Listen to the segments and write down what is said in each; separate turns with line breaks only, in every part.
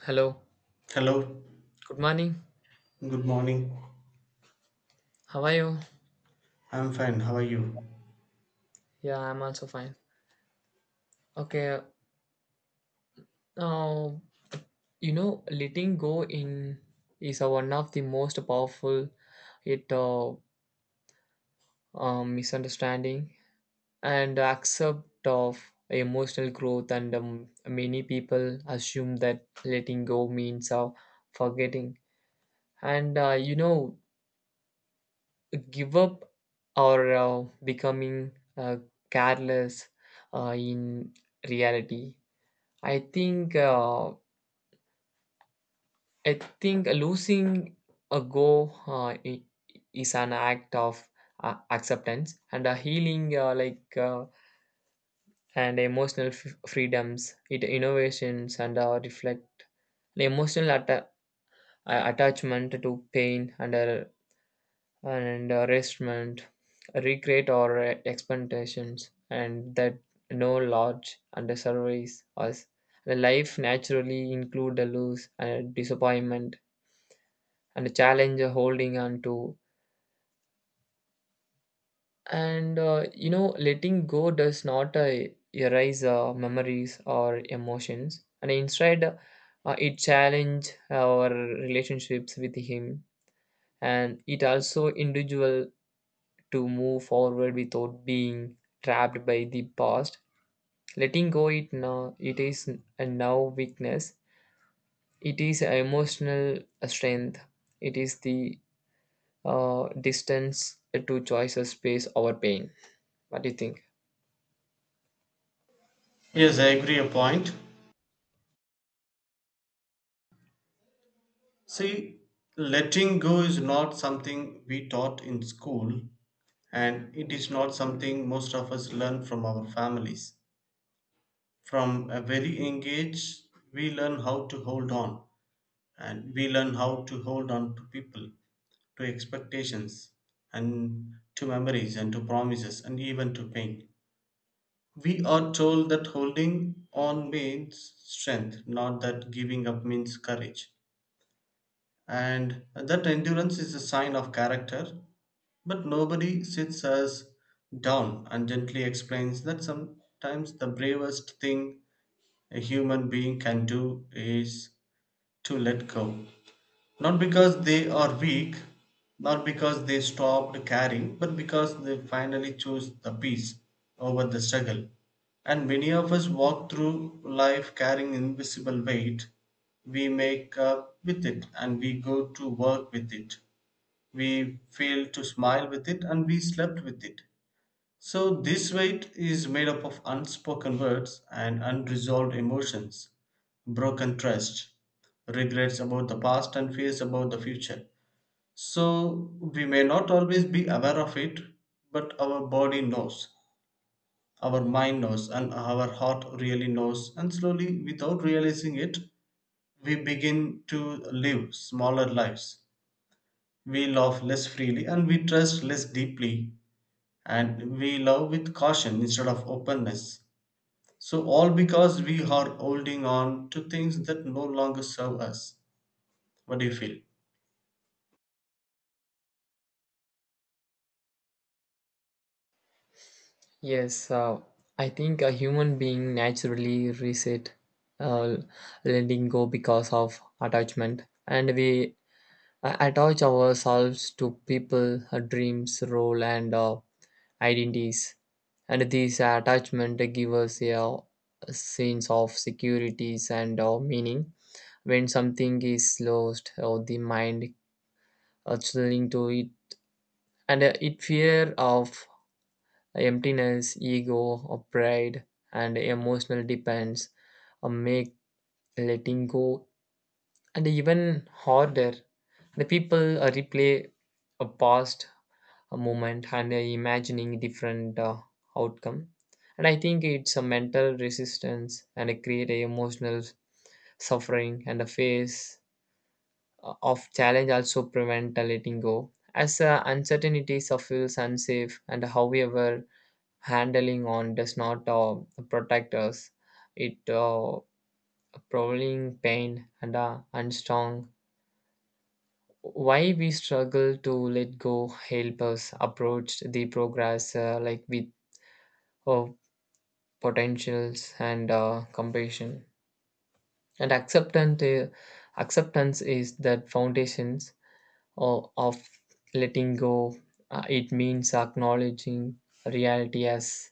Hello.
Hello,
Good morning.
good morning.
How are you?
I'm fine. How are you?
Yeah, I'm also fine. Okay. Now, letting go in is a one of the most powerful it misunderstanding and accept of emotional growth and many people assume that letting go means forgetting and give up or becoming uh, careless in reality. I think uh, I think losing a go is an act of acceptance and a healing like and emotional freedoms it innovations and reflect the emotional attachment to pain and and restraint regret or expectations, and that no large under surveys us the life naturally include the loss and disappointment and challenge holding on to. And letting go does not erase memories or emotions, and instead, it challenge our relationships with him, and it also individual to move forward without being trapped by the past. Letting go, it now it is a now weakness. It is emotional strength. It is the distance to choices, space, or pain. What do you think?
Yes, I agree a point. See, letting go is not something we taught in school, and it is not something most of us learn from our families. From a very young age, we learn how to hold on, and we learn how to hold on to people, to expectations, and to memories, and to promises, and even to pain. We are told that holding on means strength, not that giving up means courage. And that endurance is a sign of character, but nobody sits us down and gently explains that sometimes the bravest thing a human being can do is to let go. Not because they are weak, not because they stopped caring, but because they finally chose the peace over the struggle. And many of us walk through life carrying invisible weight. We make up with it and we go to work with it. We fail to smile with it and we slept with it. So, this weight is made up of unspoken words and unresolved emotions, broken trust, regrets about the past, and fears about the future. So, we may not always be aware of it, but our body knows, our mind knows, and our heart really knows. And slowly, without realizing it, we begin to live smaller lives. We love less freely and we trust less deeply, and we love with caution instead of openness. So, all because we are holding on to things that no longer serve us. What do you feel?
Yes, I think a human being naturally reset, uh, letting go because of attachment, and we attach ourselves to people, dreams, role, and identities. And these attachment give us a sense of securities and meaning. When something is lost, or the mind cling to it, and it fear of emptiness, ego, or pride, and emotional dependence make letting go and even harder. The people replay a past a moment and imagining different outcome. And I think it's a mental resistance and it create a emotional suffering, and the phase of challenge also prevent a letting go as uncertainty feels unsafe, and however handling on does not protect us. It prolonging pain and unstrong. Why we struggle to let go help us approach the progress like with uh, potentials and compassion and acceptance. Acceptance is the foundations of letting go. It means acknowledging reality as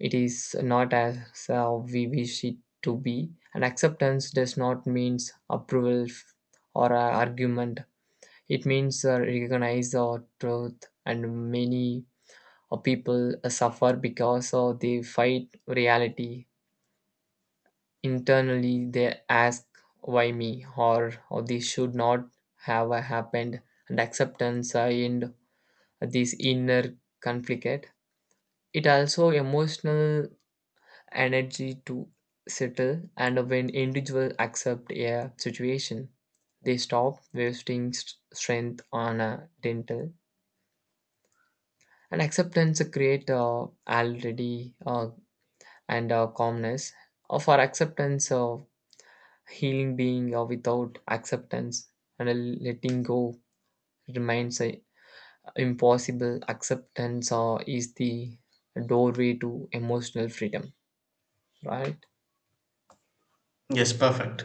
it is not as we wish it to be. And acceptance does not mean approval or argument. It means recognize our truth, and many people suffer because they fight reality. Internally, they ask, why me? Or this should not have happened. And acceptance and this inner conflict. It also emotional energy to settle, and when individuals accept a situation they stop wasting strength on a dental, and acceptance create already and calmness for acceptance of healing being, or without acceptance and letting go remains impossible. Acceptance is the doorway to emotional freedom, right?
Yes, perfect.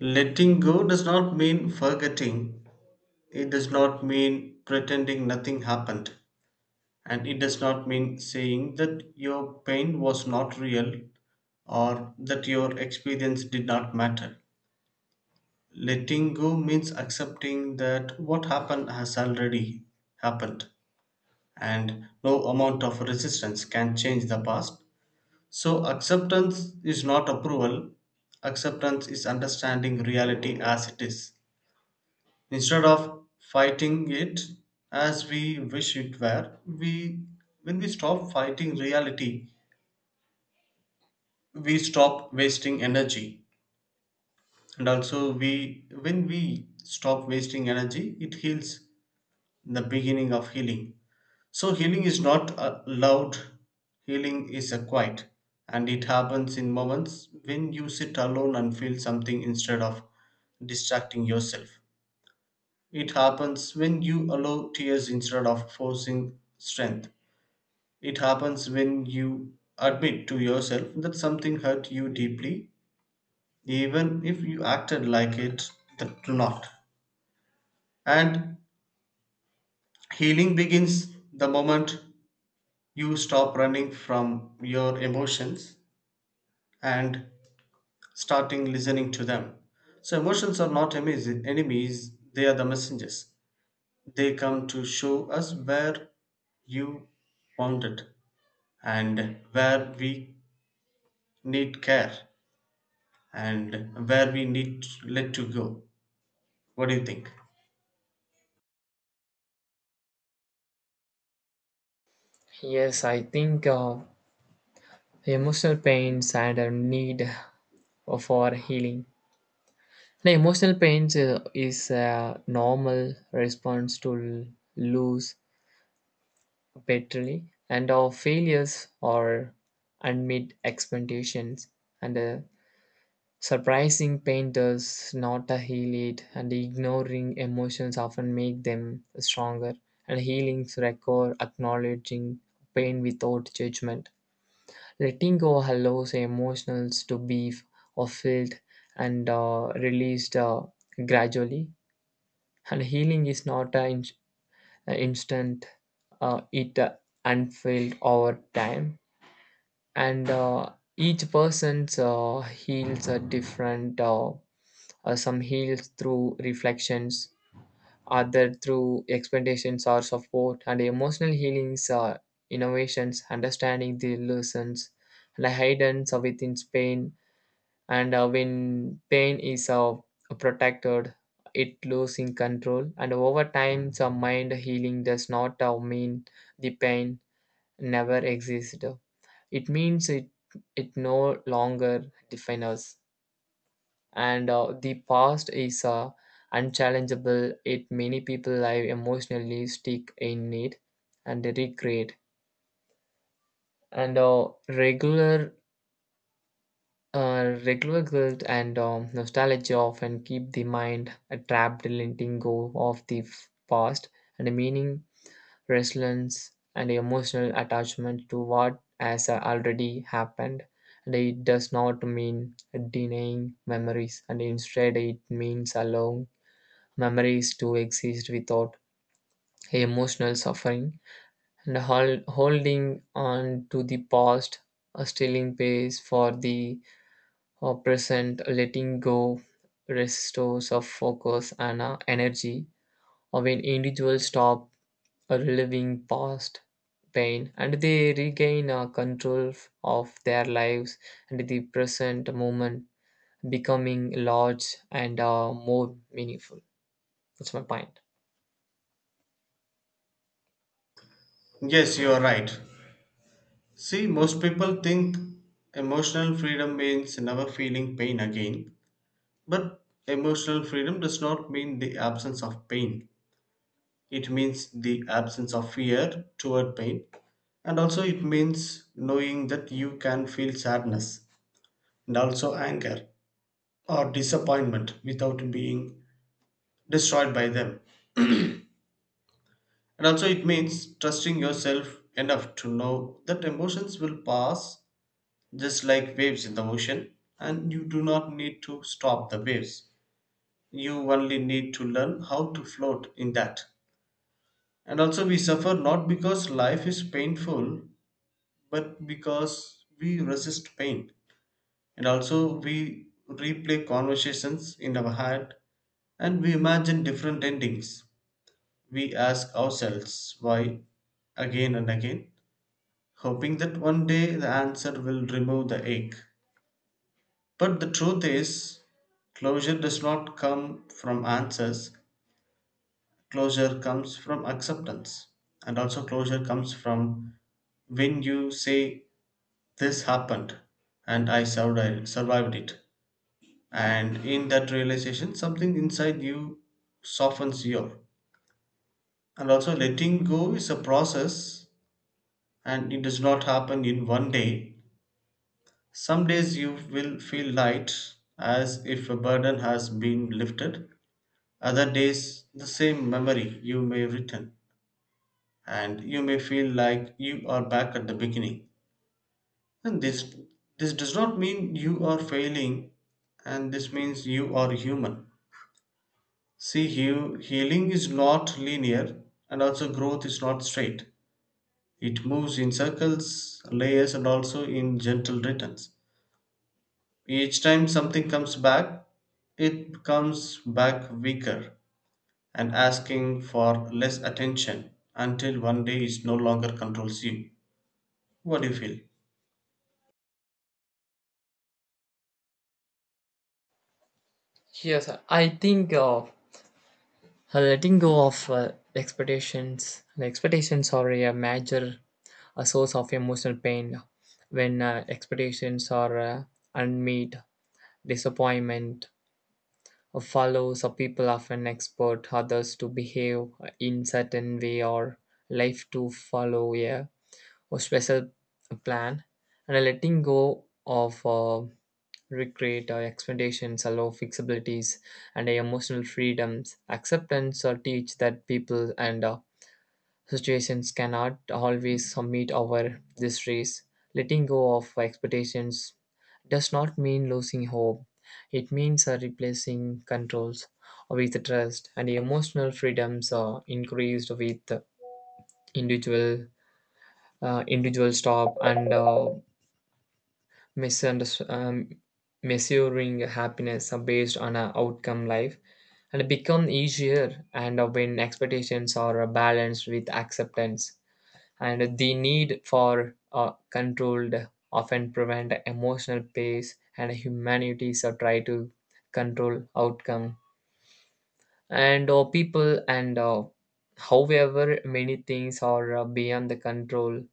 Letting go does not mean forgetting, it does not mean pretending nothing happened, and it does not mean saying that your pain was not real or that your experience did not matter. Letting go means accepting that what happened has already happened, and no amount of resistance can change the past. So, acceptance is not approval, acceptance is understanding reality as it is. Instead of fighting it as we wish it were, we when we stop fighting reality, we stop wasting energy. And also we when we stop wasting energy, it heals the beginning of healing. So healing is not a loud, healing is a quiet, and it happens in moments when you sit alone and feel something instead of distracting yourself. It happens when you allow tears instead of forcing strength. It happens when you admit to yourself that something hurt you deeply, even if you acted like it that do not. And healing begins the moment you stop running from your emotions and starting listening to them. So emotions are not enemies, they are the messengers. They come to show us where you wounded and where we need care and where we need to let to go. What do you think?
Yes, I think emotional pains and a need for healing. The emotional pains is a normal response to lose paternally and our failures or unmet expectations, and surprising pain does not heal it, and ignoring emotions often make them stronger, and healings require acknowledging pain without judgment. Letting go allows emotions to be or felt and released gradually. And healing is not an instant, it unfilled over time. And each person's heals are different. Some heals through reflections, other through expectations or support, and emotional healings are innovations, understanding the lessons and hidden within pain, and when pain is protected it losing control, and over time some mind healing does not mean the pain never existed, it means it no longer defines us, and the past is unchallengeable, it many people live emotionally stick in it and recreate, and regular guilt and nostalgia often keep the mind trapped, letting go of the past and a meaning, resilience, and emotional attachment to what has already happened. And it does not mean denying memories, and instead, it means allowing memories to exist without emotional suffering, and holding on to the past, stealing pace for the present, letting go restores our focus and our energy. Or when individuals stop reliving past pain, and they regain control of their lives, and the present moment, becoming large and more meaningful. That's my point.
Yes, you are right. See, most people think emotional freedom means never feeling pain again, but emotional freedom does not mean the absence of pain. It means the absence of fear toward pain, and also it means knowing that you can feel sadness and also anger or disappointment without being destroyed by them. And also, it means trusting yourself enough to know that emotions will pass just like waves in the ocean, and you do not need to stop the waves. You only need to learn how to float in that. And also, we suffer not because life is painful, but because we resist pain. And also, we replay conversations in our head and we imagine different endings. We ask ourselves why again and again, hoping that one day the answer will remove the ache. But the truth is, closure does not come from answers, closure comes from acceptance. And also, closure comes from when you say, this happened and I survived it. And in that realization something inside you softens your. And also letting go is a process and it does not happen in one day. Some days you will feel light as if a burden has been lifted, other days the same memory you may return and you may feel like you are back at the beginning, and this does not mean you are failing, and this means you are human. See, healing is not linear, and also growth is not straight. It moves in circles, layers, and also in gentle returns. Each time something comes back, it comes back weaker and asking for less attention until one day it no longer controls you. What do you feel?
Yes, I think letting go of expectations are a major a source of emotional pain when expectations are unmet, disappointment follows, or people often expect others to behave in certain way or life to follow a special plan, and letting go of regret our expectations allow flexibilities and our emotional freedoms. Acceptance or teach that people and situations cannot always meet our desires. Letting go of expectations does not mean losing hope. It means replacing controls with trust, and emotional freedoms are increased with individual individual stop and misunderst- um, measuring happiness are based on a outcome, life and become easier, and when expectations are balanced with acceptance, and the need for controlled often prevent emotional pace, and humanities are try to control outcome and people, and however many things are beyond the control,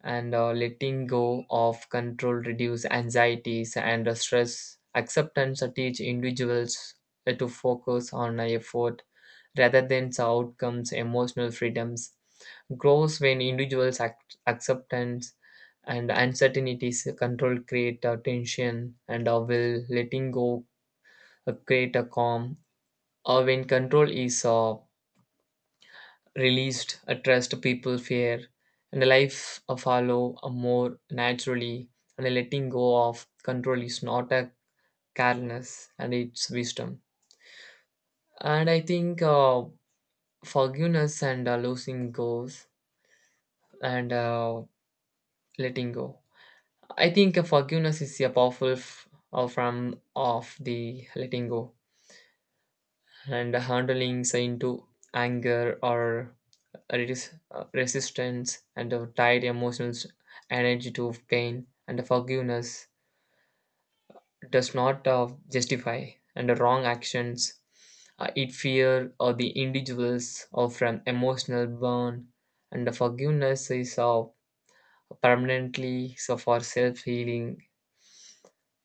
and letting go of control reduce anxieties and stress. Acceptance teach individuals to focus on effort rather than the outcomes. Emotional freedoms grows when individuals acceptance and uncertainties control create tension, and will letting go create a calm, or when control is released a trust people fear, and a life a follow a more naturally, and a letting go of control is not a carelessness, and it's wisdom. And I think forgiveness and losing goes and letting go, I think forgiveness is a powerful from of the letting go, and handling say into anger or reduce resistance and tied emotional energy to pain, and forgiveness does not justify and the wrong actions, it fear or the individuals or from emotional burn, and the forgiveness is permanently so for self healing.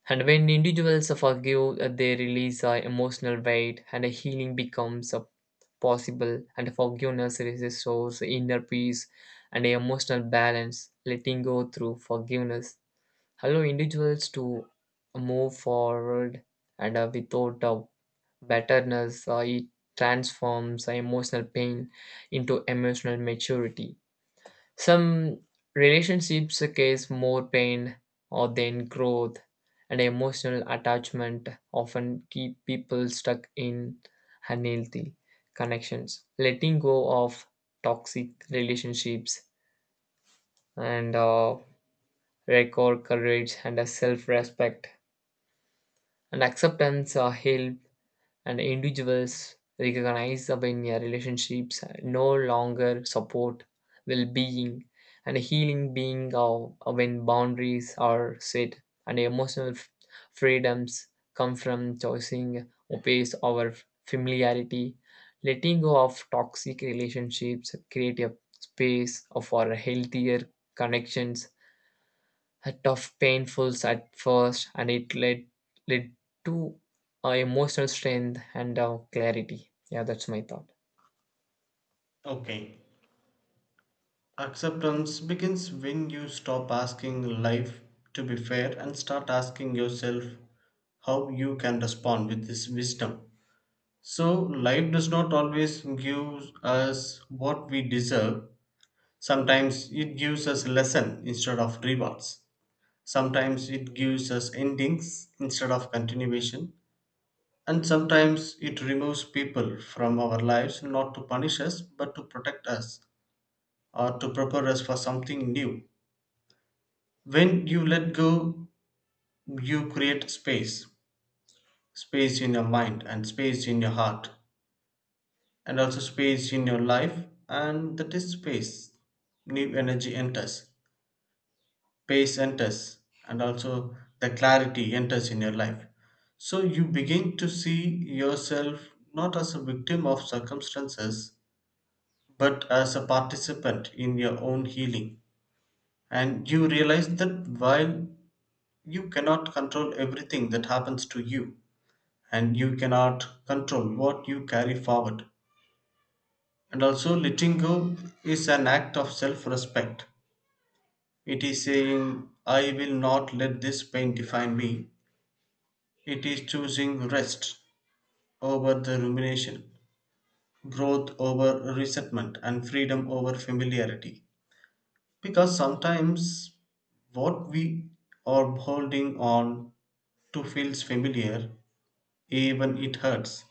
And when individuals forgive, they release emotional weight, and healing becomes possible, and forgiveness restores inner peace and emotional balance, letting go through forgiveness. Allow individuals to move forward and without betterness, it transforms emotional pain into emotional maturity. Some relationships cause more pain or than growth, and emotional attachment often keep people stuck in unhealthy connections. Letting go of toxic relationships and record courage and self respect, and acceptance help and individuals recognized in their relationships no longer support well-being, and healing being of when boundaries are set, and emotional freedoms come from choosing obeys over familiarity. Letting go of toxic relationships create a space for healthier connections, a tough, painful at first, and it led to emotional strength and clarity. Yeah, that's my thought.
Okay. Acceptance begins when you stop asking life to be fair and start asking yourself how you can respond with this wisdom. So, life does not always give us what we deserve. Sometimes it gives us lesson instead of rewards. Sometimes it gives us endings instead of continuation. And sometimes it removes people from our lives not to punish us but to protect us or to prepare us for something new. When you let go, you create space, space in your mind and space in your heart and also space in your life, and that is space new energy enters, space enters, and also the clarity enters in your life. So you begin to see yourself not as a victim of circumstances but as a participant in your own healing, and you realize that while you cannot control everything that happens to you, and you cannot control what you carry forward. And also, letting go is an act of self respect. It is saying, I will not let this pain define me. It is choosing rest over the rumination, growth over resentment, and freedom over familiarity. Because sometimes what we are holding on to feels familiar, even it hurts.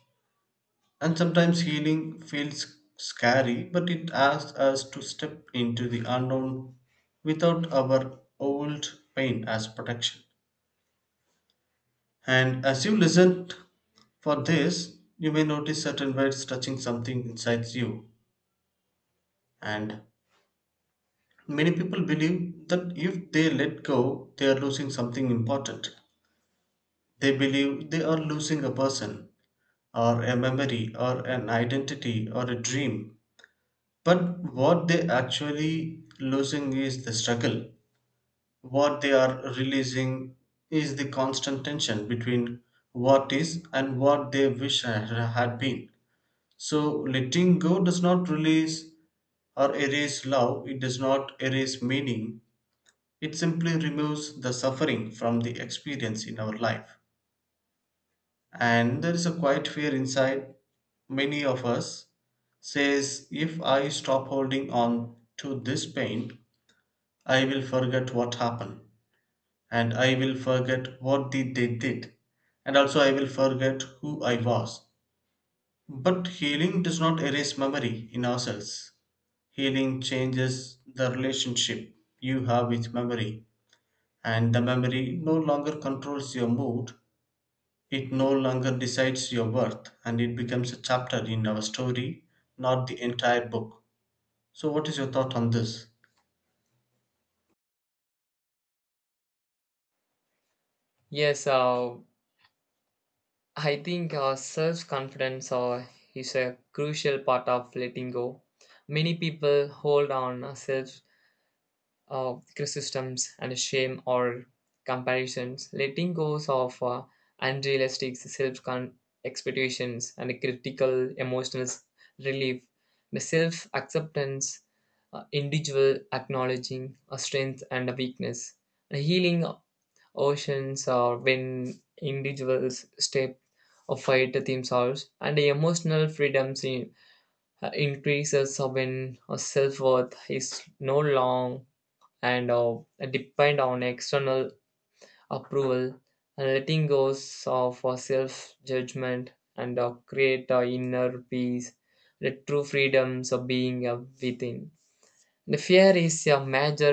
And sometimes healing feels scary, but it asks us to step into the unknown without our old pain as protection. And as you listen for this, you may notice certain words touching something inside you. And many people believe that if they let go, they are losing something important. They believe they are losing a person, or a memory, or an identity, or a dream. But what they actually losing is the struggle. What they are releasing is the constant tension between what is and what they wish had been. So letting go does not release or erase love, it does not erase meaning. It simply removes the suffering from the experience in our life. And there is a quiet fear inside many of us says if I stop holding on to this pain, I will forget what happened, and I will forget what did they did, and also I will forget who I was. But healing does not erase memory in ourselves. Healing changes the relationship you have with memory, and the memory no longer controls your mood. It no longer decides your worth, and it becomes a chapter in our story, not the entire book. So, what is your thought on this?
Yes, I think self confidence is a crucial part of letting go. Many people hold on self criticisms and shame or comparisons, letting go of unrealistic self expectations and a critical emotional relief, the self acceptance, individual acknowledging a strength and a weakness, the healing oceans are when individuals step or fight themselves, and the emotional freedoms increases when self worth is no long and depend on external approval, and letting go of self judgment and create inner peace, the true freedoms of being within. The fear is a major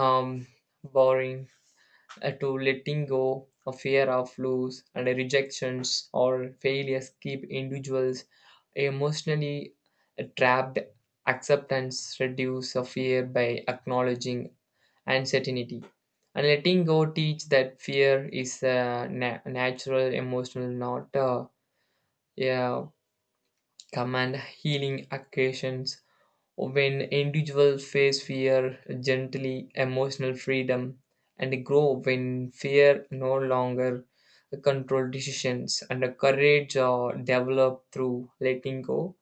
um, boring to letting go of fear of loss and rejections or failures keep individuals emotionally trapped. Acceptance reduce a fear by acknowledging and certainty. And letting go teach that fear is a natural emotional, not a command healing occasions. When individuals face fear gently, emotional freedom and grow when fear no longer control decisions, and the courage develop through letting go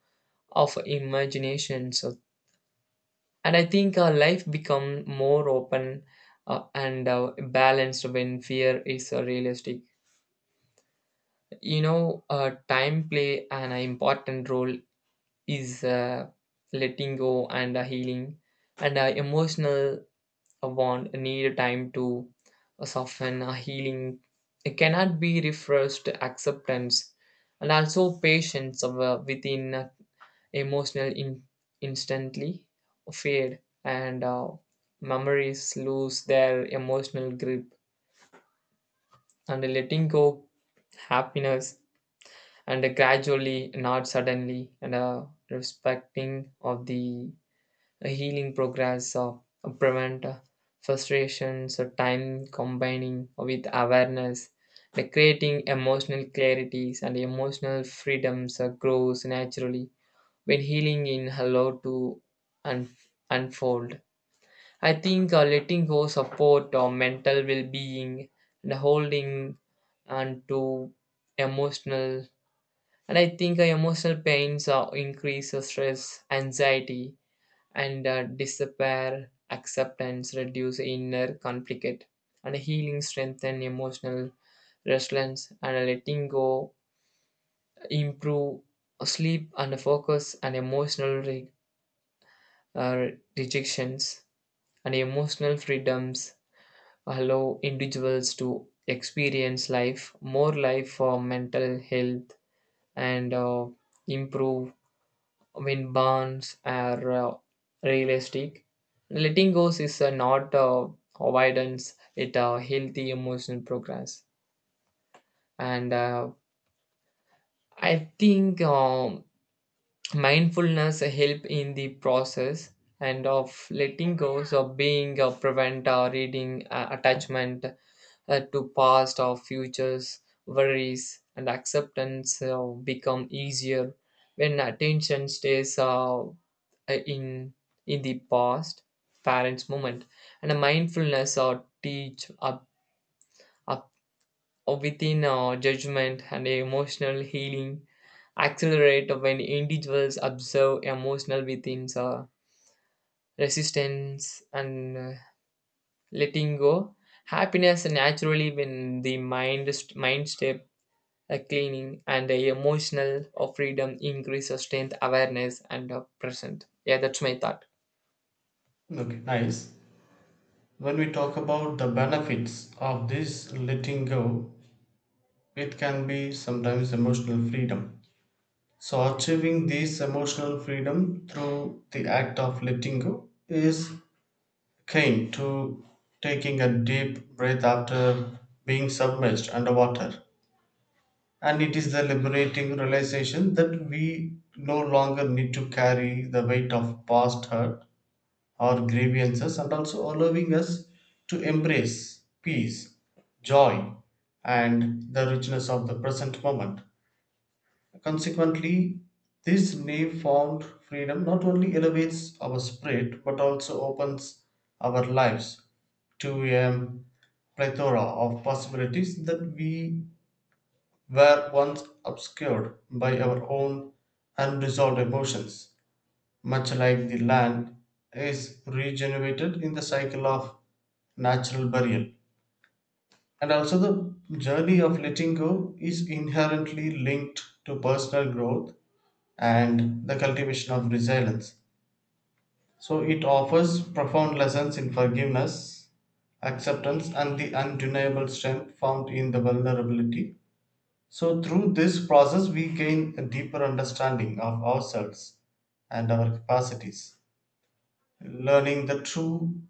of imaginations, and I think our life become more open and balanced when fear is realistic. Time play an important role is letting go and healing, and emotional want need time to soften healing, it cannot be refreshed. Acceptance and also patience within emotional instantly fade, and memories lose their emotional grip, and letting go happiness and gradually not suddenly, and respecting of the healing progress of prevent frustrations or time combining with awareness the creating emotional clarities, and emotional freedoms grows naturally when healing in allow to un- unfold. I think letting go support or mental well-being and holding on to emotional, and I think emotional pains increase the stress, anxiety, and despair. Acceptance reduce inner conflict, and healing strengthen emotional resilience, and letting go improve sleep and focus and emotional uh, rejections, and emotional freedoms allow individuals to experience life, more life for mental health, and improve when bonds are realistic. Letting go is not avoidance, it's a healthy emotional progress. And I think mindfulness help in the process and of letting go of being a prevent or reading attachment to past or futures worries, and acceptance become easier when attention stays in in the past parents moment, and a mindfulness or teach up within judgment, and emotional healing accelerate when individuals observe emotional within resistance, and letting go happiness naturally when the mind mind step cleaning, and the emotional of freedom increase sustained awareness and present. Yeah, that's my thought.
Okay, nice. When we talk about the benefits of this letting go, it can be sometimes emotional freedom. So, achieving this emotional freedom through the act of letting go is akin to taking a deep breath after being submerged underwater. And it is the liberating realization that we no longer need to carry the weight of past hurt our grievances and also allowing us to embrace peace, joy, and the richness of the present moment. Consequently, this newfound freedom not only elevates our spirit but also opens our lives to a plethora of possibilities that we were once obscured by our own unresolved emotions much like the land, is regenerated in the cycle of natural burial. And also, the journey of letting go is inherently linked to personal growth and the cultivation of resilience. So, it offers profound lessons in forgiveness, acceptance, and the undeniable strength found in the vulnerability. So, through this process, we gain a deeper understanding of ourselves and our capacities. Learning the true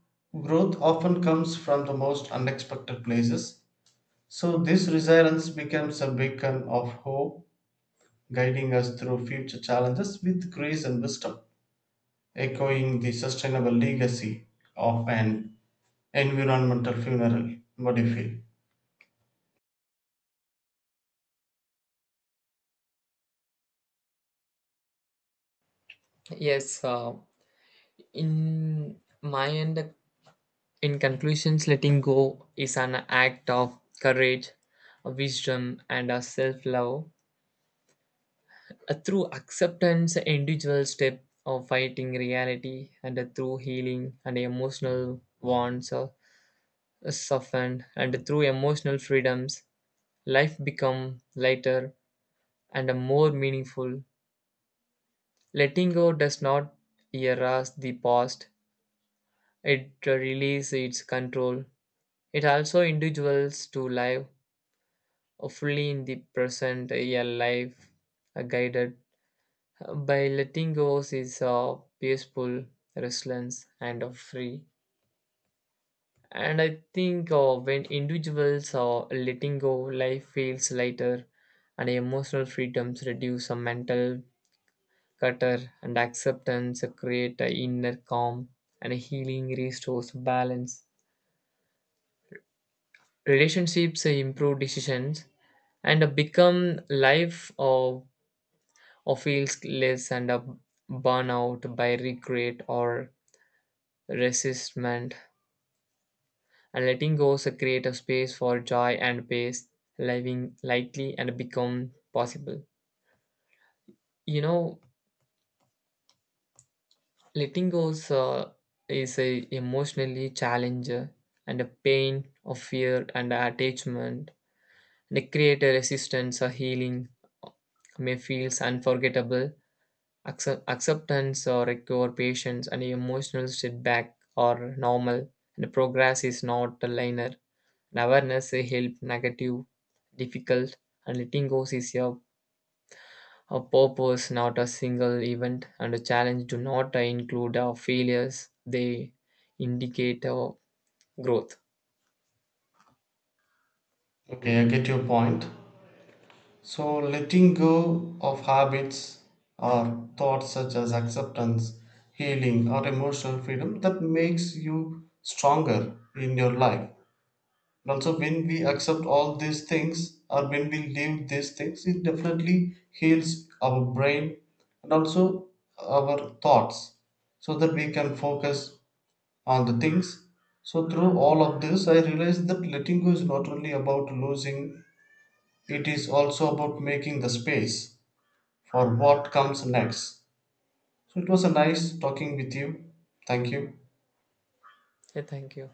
growth often comes from the most unexpected places. So, this resilience becomes a beacon of hope, guiding us through future challenges with grace and wisdom, echoing the sustainable legacy of an environmental funeral. What do you feel?
Yes, in my end in conclusions, letting go is an act of courage, wisdom, and self love. Through acceptance, individual step of fighting reality, and through healing and emotional wants are softened, and through emotional freedoms, life become lighter and more meaningful. Letting go does not erase the past; it releases its control. It also individuals to live fully in the present, yeah, life guided by letting go of his peaceful, restless, and free. And I think when individuals are letting go, life feels lighter, and emotional freedoms reduce a mental clutter, and acceptance create a inner calm, and healing restores balance, relationships improve decisions, and become life or Ophiuchs lives under burnout by regret or resentment, and letting go is a creative space for joy and peace, living lightly and become possible. You know, Letting go is a emotionally challenge and a pain of fear and attachment. The a resistance or healing may feels unforgettable. Acceptance or recover patience, and emotional setback are normal, and progress is not a linear. And awareness will help negative difficult, and letting go is a purpose, not a single event, and a challenge do not include our failures, they indicate our growth.
Okay, I get your point. So, letting go of habits or thoughts such as acceptance, healing, or emotional freedom that makes you stronger in your life. And also, when we accept all these things or when we leave these things, it definitely heals our brain and also our thoughts so that we can focus on the things. So, through all of this, I realized that letting go is not only about losing, it is also about making the space for what comes next. So it was a nice talking with you. Thank you.
Yeah, thank you.